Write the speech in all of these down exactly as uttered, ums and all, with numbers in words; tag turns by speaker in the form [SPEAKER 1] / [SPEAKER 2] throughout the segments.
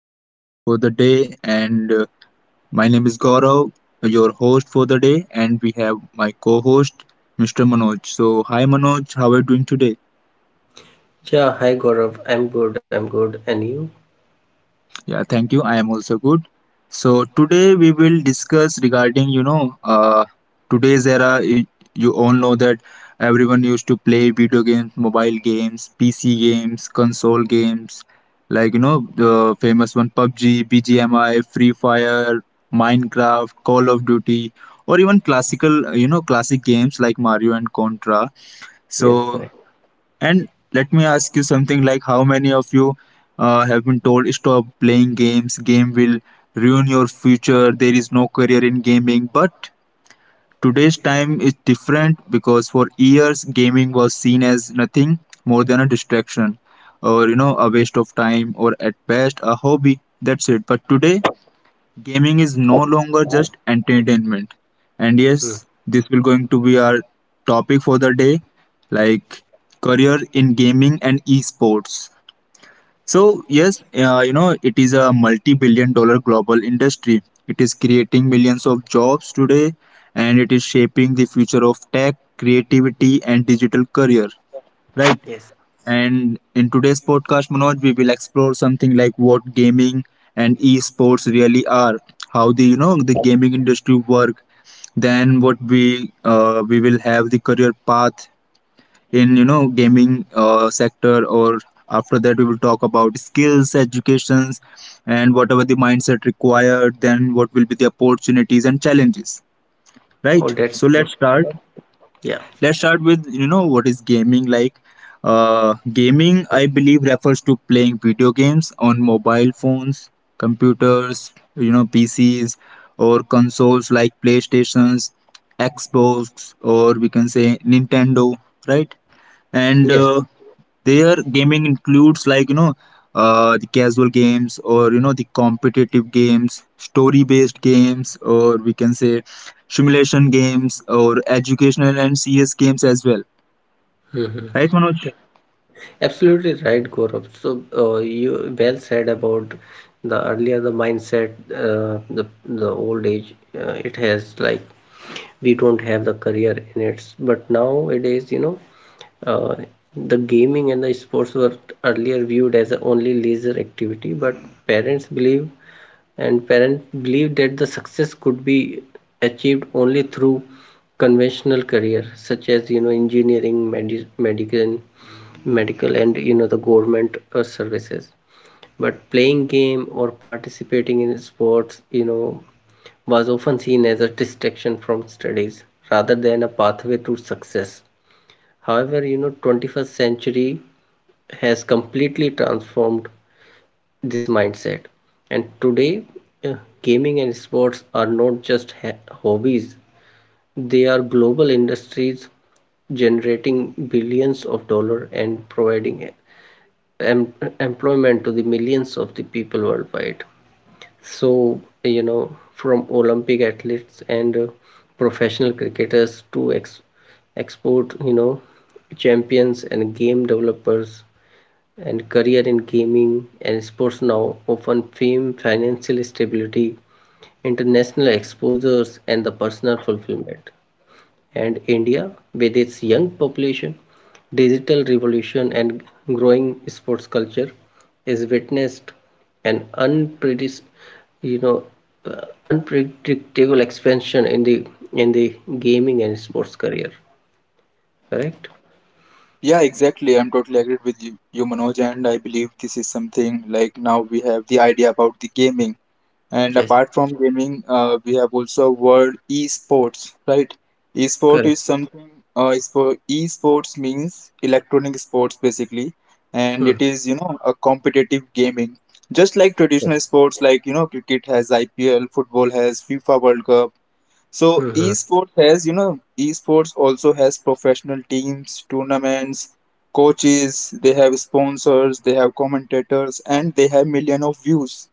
[SPEAKER 1] podcast for the day, and uh, my name is Gaurav, your host for the day, and we have my co-host Mr Manoj. So hi Manoj, how are you doing today?
[SPEAKER 2] Yeah, hi Gaurav. I'm good. I'm good. And you?
[SPEAKER 1] Yeah, thank you. I am also good. So today we will discuss regarding, you know, uh, today's era. y- You all know that everyone used to play video games, mobile games, P C games, console games, like you know, the famous one, pub g, B G M I, Free Fire, Minecraft, Call of Duty, or even classical, uh, you know, classic games like Mario and Contra. So
[SPEAKER 2] Yes, right.
[SPEAKER 1] and let me ask you something, like how many of you uh, have been told stop playing games, game will ruin your future, there is no career in gaming. But today's time is different, because for years gaming was seen as nothing more than a distraction, or you know, a waste of time, or at best a hobby. That's it. But today gaming is no longer just entertainment. And
[SPEAKER 2] Hmm.
[SPEAKER 1] yes, this will going to be our topic for the day, like career in gaming and esports. So yes, uh, you know, it is a multi-billion dollar global industry. It is creating millions of jobs today, and it is shaping the future of tech, creativity, and digital career. Right?
[SPEAKER 2] Yes.
[SPEAKER 1] And in today's podcast, Manoj, we will explore something like what gaming and esports really are, how the you know the gaming industry work, then what we uh, we will have the career path in you know gaming uh, sector. Or after that we will talk about skills educations and whatever the mindset required, then what will be the opportunities and challenges,
[SPEAKER 2] Oh,
[SPEAKER 1] right?
[SPEAKER 2] that's
[SPEAKER 1] So
[SPEAKER 2] good.
[SPEAKER 1] let's start.
[SPEAKER 2] Yeah.
[SPEAKER 1] Let's start with you know what is gaming, like uh gaming I believe refers to playing video games on mobile phones, computers, you know, pcs, or consoles like playstations, xbox, or we can say nintendo, right? and
[SPEAKER 2] Yes.
[SPEAKER 1] uh, their gaming includes like you know uh, the casual games, or you know the competitive games, story based games, or we can say simulation games, or educational and cs games as well,
[SPEAKER 2] Mhm.
[SPEAKER 1] right Manoj?
[SPEAKER 2] Absolutely right, Gaurav. So, uh, you well said about the earlier the mindset, uh, the the old age. Uh, it has like we don't have the career in it, but nowadays, you know, uh, the gaming and the sports were earlier viewed as a only leisure activity, but parents believe and parents believed that the success could be achieved only through conventional career such as you know engineering medi- medical medical and you know the government uh, services, but playing game or participating in sports you know was often seen as a distraction from studies rather than a pathway to success. However, you know, twenty-first century has completely transformed this mindset, and today, uh, gaming and sports are not just hobbies, they are global industries generating billions of dollars and providing em- employment to the millions of the people worldwide. So you know, from Olympic athletes and uh, professional cricketers to ex- export, you know, champions and game developers, and career in gaming and sports now often fame, financial stability, international exposures, and the personal fulfillment. And India, with its young population, digital revolution, and growing sports culture, is witnessed an unpredis- you know, uh, unpredictable expansion in the in the gaming and sports career. Correct?
[SPEAKER 1] Yeah, exactly. I'm totally agreed with you, you, Manoj, and I believe this is something like now we have the idea about the gaming. And
[SPEAKER 2] Yes.
[SPEAKER 1] apart from gaming, uh, we have also world esports, right? Esport
[SPEAKER 2] Correct.
[SPEAKER 1] is something. Uh, espo- esports means electronic sports basically, and
[SPEAKER 2] Hmm.
[SPEAKER 1] it is you know a competitive gaming, just like traditional sports like you know cricket has I P L, football has FIFA World Cup.
[SPEAKER 2] Hmm.
[SPEAKER 1] So
[SPEAKER 2] Hmm.
[SPEAKER 1] esports has, you know, esports also has professional teams, tournaments, coaches. They have sponsors, they have commentators, and they have million of views.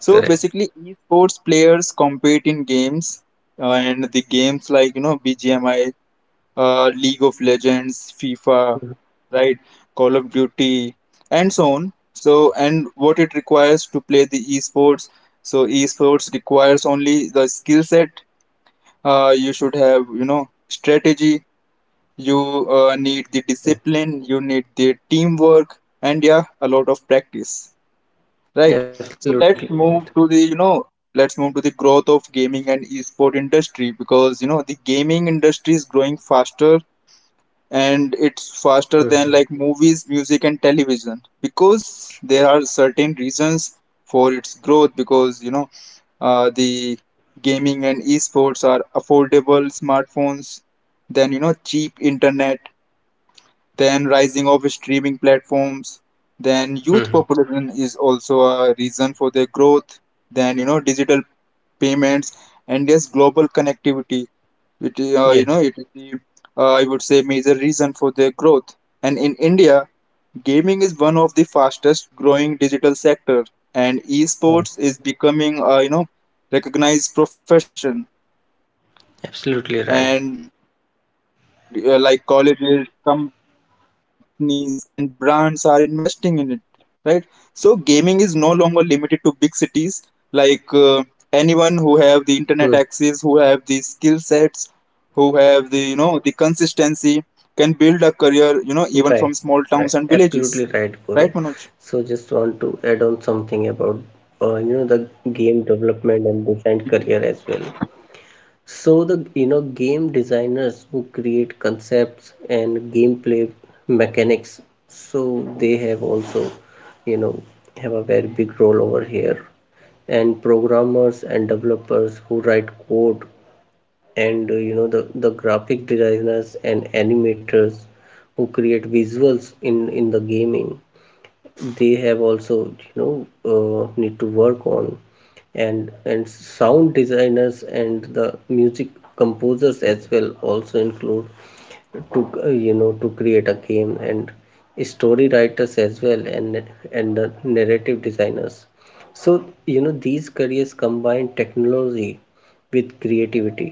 [SPEAKER 1] So
[SPEAKER 2] Correct.
[SPEAKER 1] basically, esports players compete in games, uh, and the games like you know B G M I, uh, League of Legends, FIFA,
[SPEAKER 2] Hmm.
[SPEAKER 1] right, Call of Duty, and so on. So and what it requires to play the esports. So esports requires only the skill set. Uh, you should have, you know, strategy. You uh, need the discipline. You need the teamwork, and yeah, a lot of practice, right?
[SPEAKER 2] Absolutely
[SPEAKER 1] So
[SPEAKER 2] right.
[SPEAKER 1] let's move to the, you know, let's move to the growth of gaming and esport industry, because you know the gaming industry is growing faster, and
[SPEAKER 2] Mhm.
[SPEAKER 1] it's faster than like movies, music, and television, because there are certain reasons for its growth. Because you know uh, the gaming and esports are affordable smartphones, then you know cheap internet, then rising of streaming platforms, then youth population is also a reason for their growth, then you know digital payments, and yes global connectivity. It uh, you
[SPEAKER 2] Yes.
[SPEAKER 1] know it is the uh, I would say major reason for their growth. And in india, gaming is one of the fastest growing digital sector, and
[SPEAKER 2] Mm.
[SPEAKER 1] esports is becoming a you know recognized profession. And uh, like
[SPEAKER 2] Absolutely right.
[SPEAKER 1] colleges, companies and brands are investing in it, right? So gaming is no longer limited to big cities, like uh, anyone who have the internet access, who have the skill sets, who have
[SPEAKER 2] Hmm.
[SPEAKER 1] the you know the consistency, can build a career you know even from small towns and villages, right
[SPEAKER 2] You're
[SPEAKER 1] Manoj?
[SPEAKER 2] right. Right, absolutely right, Gaurav. So just want to add on something about uh, you know the game development and design career as well. So the you know game designers who create concepts and gameplay mechanics, so they have also you know have a very big role over here. And programmers and developers who write code, and uh, you know the, the graphic designers and animators who create visuals in in the gaming, they have also you know uh, need to work on. And and sound designers and the music composers as well also include to uh, you know to create a game, and story writers as well, and and the narrative designers. So you know these careers combine technology with creativity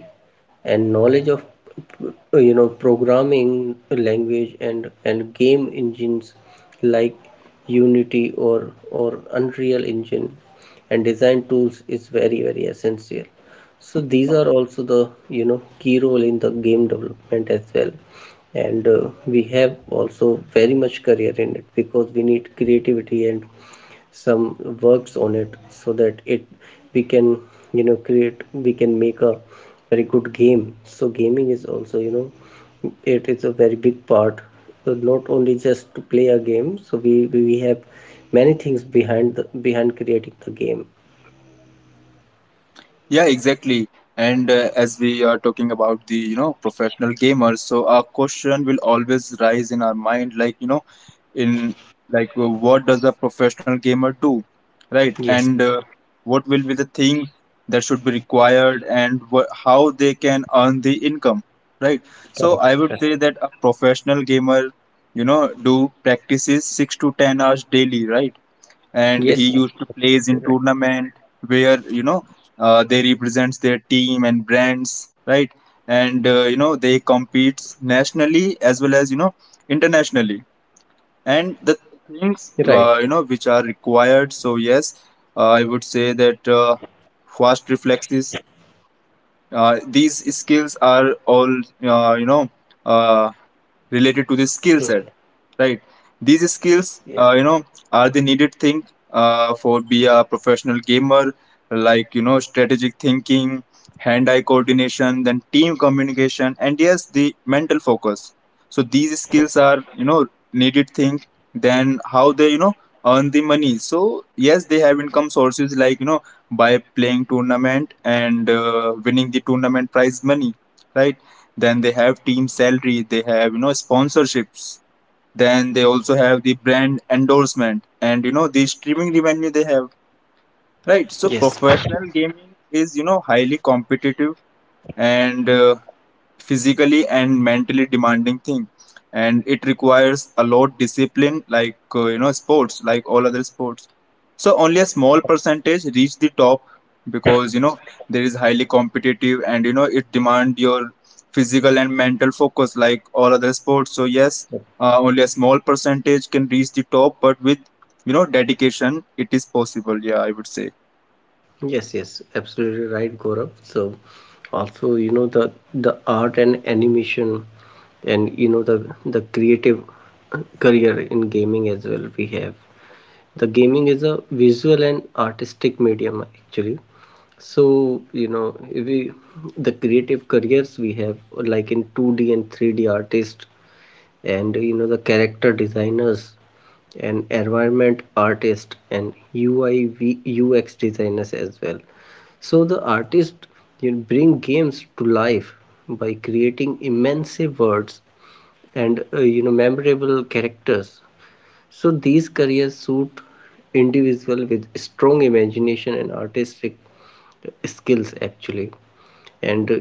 [SPEAKER 2] and knowledge of uh, you know programming language and and game engines like Unity or or Unreal Engine, and design tools is very very essential. So these are also the you know key role in the game development as well. And uh, we have also very much career in it, because we need creativity and some works on it so that it we can you know create, we can make a very good game. So gaming is also you know it is a very big part. So not only just to play a game, so we we we have many things behind the behind creating the game.
[SPEAKER 1] Yeah, exactly. And uh, as we are talking about the, you know, professional gamers, so a question will always rise in our mind, like, you know, in like, uh, what does a professional gamer do, right?
[SPEAKER 2] Yes.
[SPEAKER 1] And uh, what will be the thing that should be required, and wha how they can earn the income, right? So
[SPEAKER 2] Correct,
[SPEAKER 1] I would
[SPEAKER 2] correct.
[SPEAKER 1] say that a professional gamer, you know, do practices six to ten hours daily, right? And he
[SPEAKER 2] Yes. Yes,
[SPEAKER 1] used to plays in
[SPEAKER 2] absolutely.
[SPEAKER 1] tournament, where you know uh, they represents their team and brands, right? And uh, you know they competes nationally as well as you know internationally.
[SPEAKER 2] Right, right.
[SPEAKER 1] And the things uh, you know which are required, so yes, uh, I would say that uh, fast reflexes, uh, these skills are all uh, you know uh, related to the skill set, right? These
[SPEAKER 2] Yes.
[SPEAKER 1] skills, uh, you know, are the needed thing uh, for be a professional gamer, like you know, strategic thinking, hand-eye coordination, then team communication, and yes, the mental focus. So these
[SPEAKER 2] Correct.
[SPEAKER 1] skills are you know needed thing. Then how they you know earn the money. So yes, they have income sources like you know by playing tournament, and uh, winning the tournament prize money, right? Then they have team salary, they have you know sponsorships, then they also have the brand endorsement, and you know the streaming revenue they have, right?
[SPEAKER 2] Yes.
[SPEAKER 1] So
[SPEAKER 2] Yes.
[SPEAKER 1] professional gaming is you know highly competitive, and uh, physically and mentally demanding thing, and it requires a lot discipline, like uh, you know sports, like all other sports. So only a small percentage reach the top, because you know there is highly competitive, and you know it demand your physical and mental focus like all other sports. So yes, uh, only a small percentage can reach the top, but with you know dedication it is possible, yeah, I would say.
[SPEAKER 2] Yes, yes, absolutely right, Gaurav. So, also, you know, the the art and animation, and you know the the creative career in gaming as well. We have the gaming is a visual and artistic medium actually. So, you know, we the creative careers we have like in two D and three D artists, and you know the character designers and environment artists and U I designers as well. So the artists, you know, bring games to life by creating immense words and uh, you know memorable characters. So these careers suit individuals with strong imagination and artistic skills actually. And uh,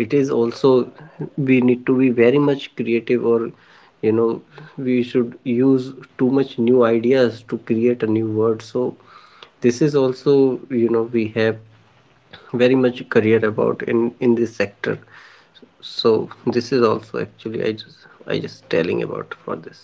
[SPEAKER 2] it is also we need to be very much creative, or you know we should use too much new ideas to create a new word. So this is also you know we have very much career about in in this sector. So this is also actually i just i just telling about for this.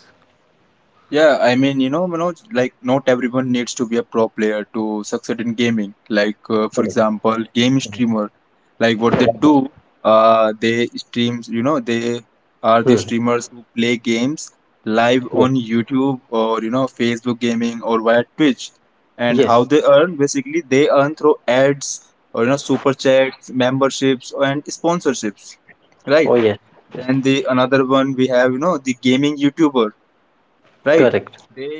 [SPEAKER 1] Yeah, I mean, you know, Manoj, like not everyone needs to be a pro player to succeed in gaming. Like, uh, for example, game streamer, like what they do, uh, they streams, you know, they are the
[SPEAKER 2] Hmm.
[SPEAKER 1] streamers who play games live
[SPEAKER 2] Yeah.
[SPEAKER 1] on YouTube, or, you know, Facebook gaming or via Twitch. And how
[SPEAKER 2] Yes.
[SPEAKER 1] they earn, basically, they earn through ads, or, you know, super chats, memberships, and sponsorships, right?
[SPEAKER 2] Oh, yes.
[SPEAKER 1] Then the another one we have, you know, the gaming YouTuber, right?
[SPEAKER 2] Correct.
[SPEAKER 1] They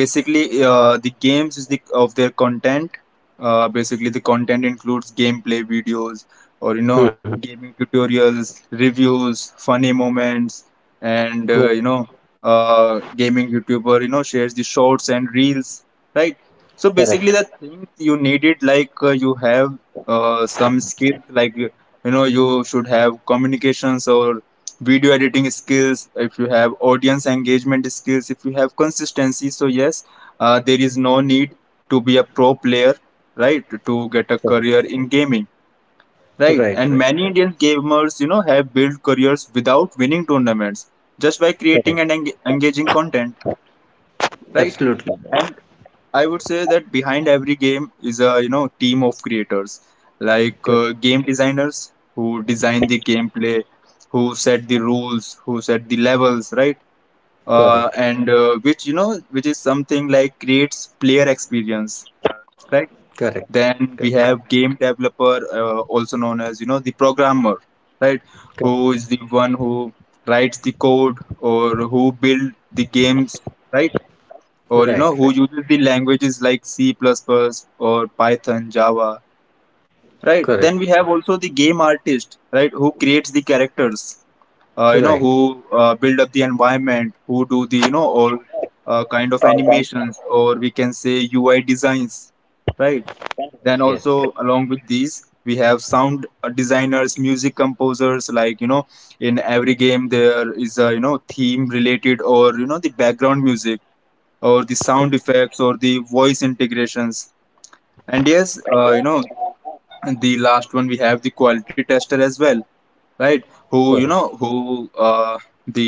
[SPEAKER 1] basically uh, the games is the of their content, uh, basically the content includes gameplay videos or you know
[SPEAKER 2] Hmm.
[SPEAKER 1] gaming tutorials, reviews, funny moments, and
[SPEAKER 2] Yeah.
[SPEAKER 1] uh, you know uh, gaming youtuber you know shares the shorts and reels, right? So
[SPEAKER 2] Correct.
[SPEAKER 1] basically the things you needed, like uh, you have uh, some skills, like you know you should have communications or video editing skills, if you have audience engagement skills, if you have consistency. So, yes, uh, there is no need to be a pro player, right, to get a career in gaming, right?
[SPEAKER 2] Right, right.
[SPEAKER 1] And many Indian gamers, you know, have built careers without winning tournaments, just by
[SPEAKER 2] Correct.
[SPEAKER 1] creating and eng- engaging content, right?
[SPEAKER 2] Absolutely
[SPEAKER 1] And I would say that behind every game is a, you know, team of creators, like
[SPEAKER 2] right.
[SPEAKER 1] uh, game designers who design the gameplay, who set the rules, who set the levels, right? uh,
[SPEAKER 2] Correct.
[SPEAKER 1] and uh, Which you know, which is something like creates player experience, right?
[SPEAKER 2] Correct.
[SPEAKER 1] Then
[SPEAKER 2] Correct.
[SPEAKER 1] we have game developer, uh, also known as you know the programmer, right?
[SPEAKER 2] Correct.
[SPEAKER 1] Who is the one who writes the code, or who build the games, right? Or you
[SPEAKER 2] Right.
[SPEAKER 1] know
[SPEAKER 2] Right.
[SPEAKER 1] who uses the languages like c++ plus plus or python java, right?
[SPEAKER 2] Correct.
[SPEAKER 1] Then we have also the game artist, right? Who creates the characters, uh, you know,
[SPEAKER 2] Right.
[SPEAKER 1] who uh, build up the environment, who do the you know all uh, kind of
[SPEAKER 2] Uh,
[SPEAKER 1] animations, or we can say ui designs, right? Then
[SPEAKER 2] Yes. Yes.
[SPEAKER 1] also along with these we have sound uh, designers, music composers, like you know in every game there is a you know theme related, or you know the background music, or the sound effects, or the voice integrations. And yes uh, you know and the last one we have the quality tester as well, right? who you know
[SPEAKER 2] Correct.
[SPEAKER 1] who uh, The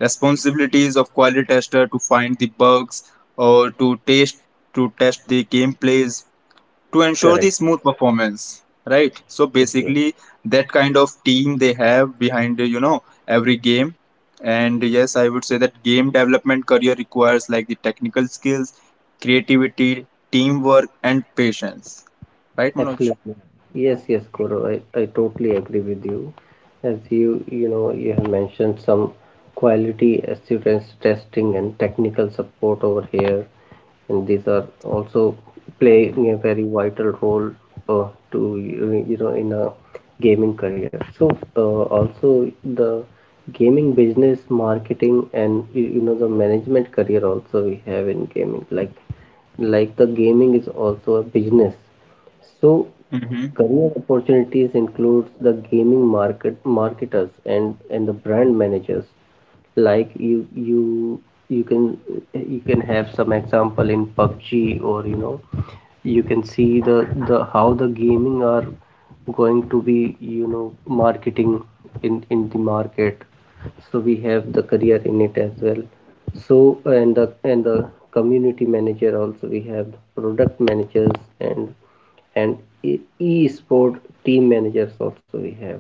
[SPEAKER 1] responsibilities of quality tester to find the bugs, or to test to test the gameplays, to ensure
[SPEAKER 2] Correct.
[SPEAKER 1] the smooth performance, right? So
[SPEAKER 2] Yes. Yes.
[SPEAKER 1] basically that kind of team they have behind uh, you know every game. And yes, I would say that game development career requires like the technical skills, creativity, teamwork and patience, right Manoj?
[SPEAKER 2] Absolutely. Yes, yes, Gaurav, I, I totally agree with you. As you, you know, you have mentioned some quality assurance testing and technical support over here, and these are also playing a very vital role uh, to, you you know, in a gaming career. So, uh, also the gaming business, marketing, and you you know, the management career also we have in gaming, like like the gaming is also a business. So career opportunities includes the gaming market marketers and and the brand managers. Like you you you can you can have some example in PUBG, or you know you can see the the how the gaming are going to be you know marketing in in the market. So we have the career in it as well. So and the and the community manager, also we have the product managers, and and e- e-sport team managers also we have.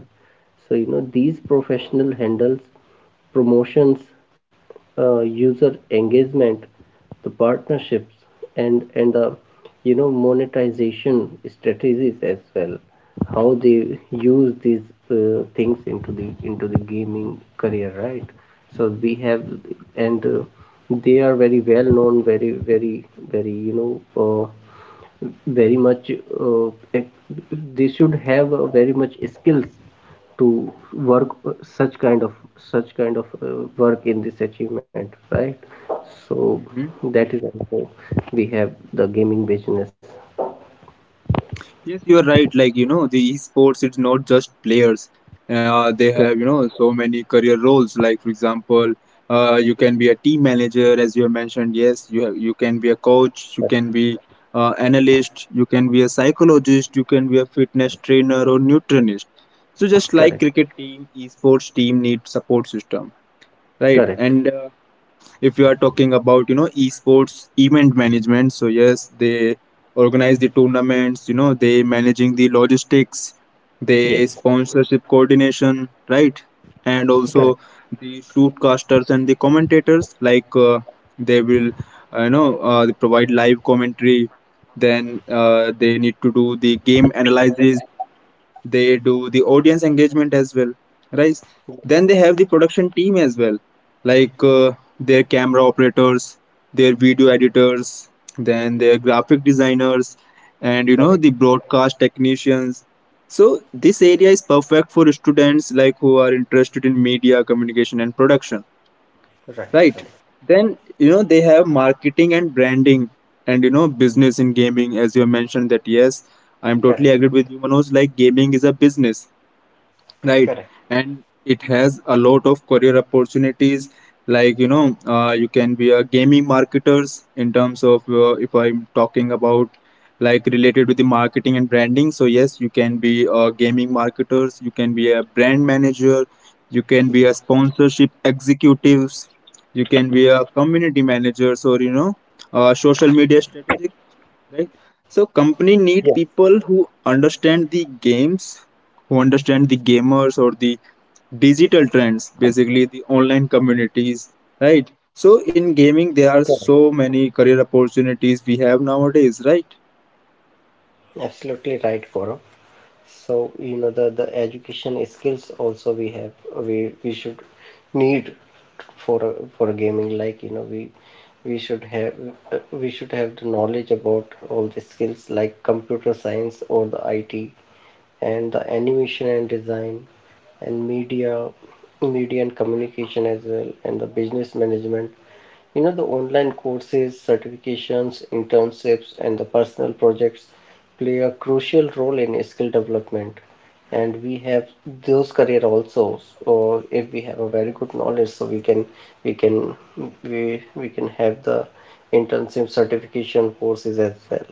[SPEAKER 2] So you know these professional handles promotions, uh, user engagement, the partnerships, and and the you know monetization strategies as well. How they use these uh, things into the into the gaming career, right? So we have, and uh, they are very well known, very very very you know. Uh, very much uh, they should have uh, very much skills to work uh, such kind of such kind of uh, work in this achievement, right? So
[SPEAKER 1] Hmm.
[SPEAKER 2] that is also we have the gaming business.
[SPEAKER 1] Yes, you are right. Like, you know, the esports, it's not just players. Uh, they have, you know, so many career roles. Like, for example, uh, you can be a team manager, as you have mentioned. Yes, you have, you can be a coach, you
[SPEAKER 2] Correct,
[SPEAKER 1] can be uh, analyst, you can be a psychologist, you can be a fitness trainer or nutritionist. So just
[SPEAKER 2] correct,
[SPEAKER 1] like cricket team, esports team need support system, right?
[SPEAKER 2] correct.
[SPEAKER 1] And uh, if you are talking about you know esports event management, so yes, they organize the tournaments, you know, they managing the logistics, they
[SPEAKER 2] Yes.
[SPEAKER 1] sponsorship coordination, right? And also the shootcasters and the commentators, like uh, they will uh, you know uh, they provide live commentary, then uh, they need to do the game analysis, they do the audience engagement as well, right? Then they have the production team as well, like uh, their camera operators, their video editors, then their graphic designers, and you know
[SPEAKER 2] Correct,
[SPEAKER 1] the broadcast technicians. So this area is perfect for students like who are interested in media communication and production,
[SPEAKER 2] right,
[SPEAKER 1] right?
[SPEAKER 2] right,
[SPEAKER 1] Then you know they have marketing and branding, and you know business in gaming, as you have mentioned, that yes, i'm totally
[SPEAKER 2] correct,
[SPEAKER 1] agreed with you, Manoj. Like gaming is a business, right?
[SPEAKER 2] correct.
[SPEAKER 1] And it has a lot of career opportunities. Like you know, uh, you can be a gaming marketers in terms of, uh, if i'm talking about like related with the marketing and branding. So yes, you can be a gaming marketers, you can be a brand manager, you can be a
[SPEAKER 2] Yes.
[SPEAKER 1] sponsorship executives, you can be a community managers, or you know, uh, social media strategist, right? So company need
[SPEAKER 2] Yes,
[SPEAKER 1] people who understand the games, who understand the gamers or the digital trends, basically the online communities, right? So in gaming
[SPEAKER 2] correct.
[SPEAKER 1] there are so many career opportunities we have nowadays, right?
[SPEAKER 2] Absolutely right, Gaurav. So you know the the education skills also we have, we we should need for a, for a gaming, like you know we we should have uh, we should have the knowledge about all the skills like computer science or the I T, and the animation and design, and media media and communication as well, and the business management. You know, the online courses, certifications, internships, and the personal projects play a crucial role in skill development. And we have those career also. So if we have a very good knowledge, so we can we can we we can have the internship certification courses as well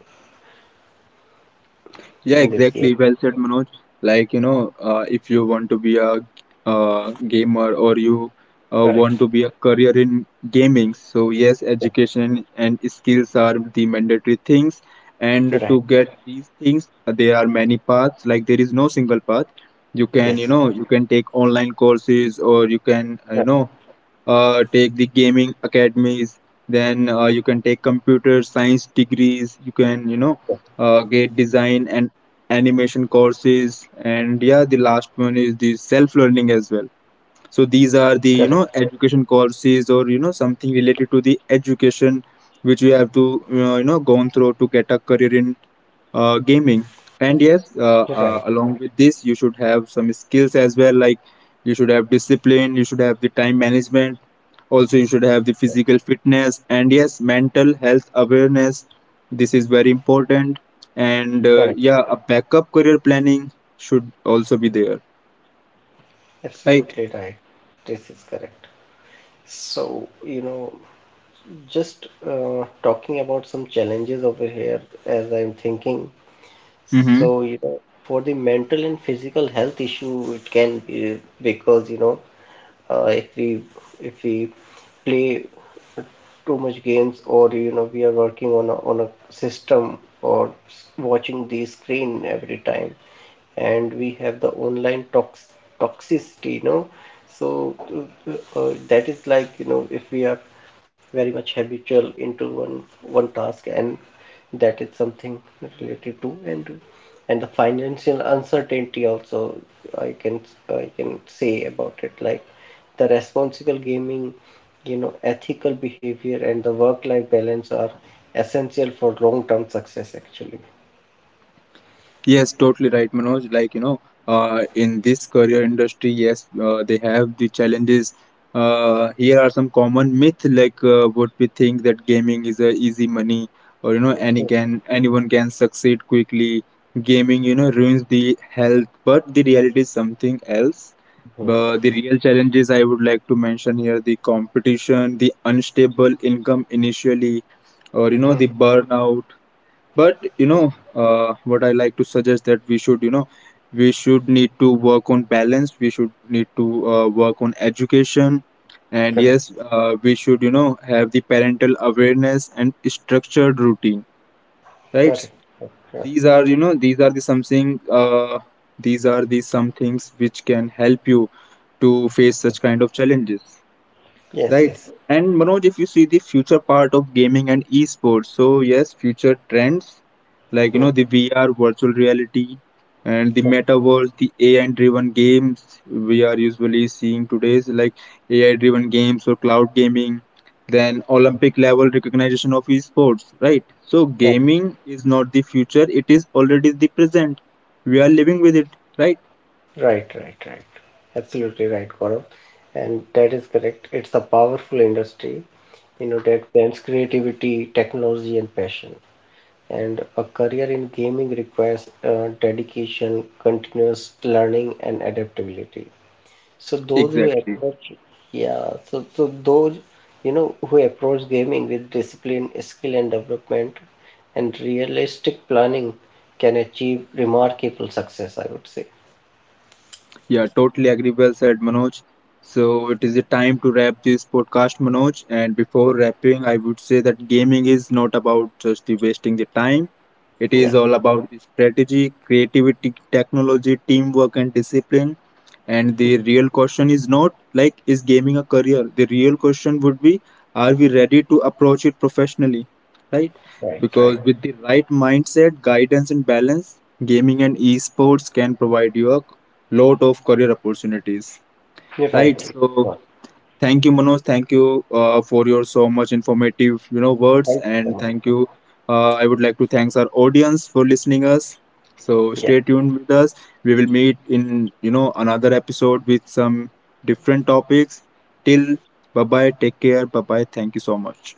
[SPEAKER 1] Yeah,
[SPEAKER 2] in this game.
[SPEAKER 1] exactly. Well said, Manoj. Like, you know, uh, if you want to be a uh, gamer, or you uh, want
[SPEAKER 2] Correct.
[SPEAKER 1] to be a career in gaming, so yes,
[SPEAKER 2] Yeah.
[SPEAKER 1] education and skills are the mandatory things. And
[SPEAKER 2] Right.
[SPEAKER 1] to get these things, uh, there are many paths. Like, there is no single path. You can, you
[SPEAKER 2] Yes.
[SPEAKER 1] know, you can take online courses, or you can, uh, you
[SPEAKER 2] Right.
[SPEAKER 1] know, uh, take the gaming academies. Then uh, you can take computer science degrees. You can, you know,
[SPEAKER 2] Yeah.
[SPEAKER 1] uh, get design and animation courses, and yeah, the last one is the self learning as well. So these
[SPEAKER 2] Correct.
[SPEAKER 1] are the, you know, education courses, or you know, something related to the education, which we have to uh, you know, gone through to get a career in uh, gaming. And yes,
[SPEAKER 2] Right.
[SPEAKER 1] uh, uh, along with this you should have some skills as well, like you should have discipline, you should have the time management, also you should have the physical fitness, and yes, mental health awareness. This is very important. And uh,
[SPEAKER 2] Correct.
[SPEAKER 1] yeah, a backup career planning should also be there, right?
[SPEAKER 2] Absolutely right. This is correct. So, you know. Just uh, talking about some challenges over here, as I'm thinking.
[SPEAKER 1] Mm-hmm.
[SPEAKER 2] So, you know, for the mental and physical health issue, it can be because, you know, uh, if we if we play too much games, or you know we are working on a, on a system, or watching the screen every time, and we have the online tox toxicity, you know. So uh, uh, that is like, you know, if we are very much habitual into one one task, and that is something related to. And and the financial uncertainty also I can I can say about it. Like the responsible gaming, you know, ethical behavior and the work-life balance are essential for long-term success actually.
[SPEAKER 1] Yes, totally right, Manoj. Like, you know, uh, in this career industry, yes, uh, they have the challenges. Uh, here are some common myths, like uh, what we think, that gaming is a easy money, or, you know, any can anyone can succeed quickly. Gaming, you know, ruins the health, but the reality is something else.
[SPEAKER 2] Hmm.
[SPEAKER 1] But the real challenges I would like to mention here, the competition, the unstable income initially, or, you know,
[SPEAKER 2] Hmm.
[SPEAKER 1] the burnout. But you know, uh, what I like to suggest, that we should, you know, we should need to work on balance, we should need to uh, work on education, and
[SPEAKER 2] Correct,
[SPEAKER 1] yes, uh, we should, you know, have the parental awareness and structured routine,
[SPEAKER 2] correct,
[SPEAKER 1] right?
[SPEAKER 2] correct.
[SPEAKER 1] These are, you know, these are the something, uh, these are the some things which can help you to face such kind of challenges.
[SPEAKER 2] Yes,
[SPEAKER 1] Right.
[SPEAKER 2] yes.
[SPEAKER 1] And Manoj, if you see the future part of gaming and esports, so yes, future trends like you
[SPEAKER 2] Hmm.
[SPEAKER 1] know the V R, virtual reality, and the metaverse, the A I-driven games we are usually seeing today's, like A I-driven games or cloud gaming, then Olympic-level recognition of esports. Right. So
[SPEAKER 2] Correct, correct.
[SPEAKER 1] gaming is not the future; it is already the present. We are living with it. Right.
[SPEAKER 2] Right, right, right. Absolutely right, Gaurav. And that is correct. It's a powerful industry, you know, that blends creativity, technology, and passion. And a career in gaming requires uh, dedication, continuous learning, and adaptability. So those who
[SPEAKER 1] Exactly.
[SPEAKER 2] approach, yeah, so, so those, you know, who approach gaming with discipline, skill and development, and realistic planning can achieve remarkable success, I would say.
[SPEAKER 1] Yeah, totally agree. Well said, Manoj. So it is the time to wrap this podcast, Manoj. And before wrapping, I would say that gaming is not about just the wasting the time. It
[SPEAKER 2] Yeah,
[SPEAKER 1] is all about the strategy, creativity, technology, teamwork, and discipline. And the real question is not like, is gaming a career? The real question would be, are we ready to approach it professionally? Right?
[SPEAKER 2] right, right.
[SPEAKER 1] Because with the right mindset, guidance, and balance, gaming and esports can provide you a lot of career opportunities,
[SPEAKER 2] You're
[SPEAKER 1] right?
[SPEAKER 2] right.
[SPEAKER 1] So thank you, Manoj, thank you uh, for your so much informative, you know, words,
[SPEAKER 2] Thank you so
[SPEAKER 1] and
[SPEAKER 2] much.
[SPEAKER 1] thank you. uh, I would like to thanks our audience for listening us, so
[SPEAKER 2] Yeah.
[SPEAKER 1] stay tuned with us. We will meet in, you know, another episode with some different topics. Till, bye bye, take care, bye bye, thank you so much.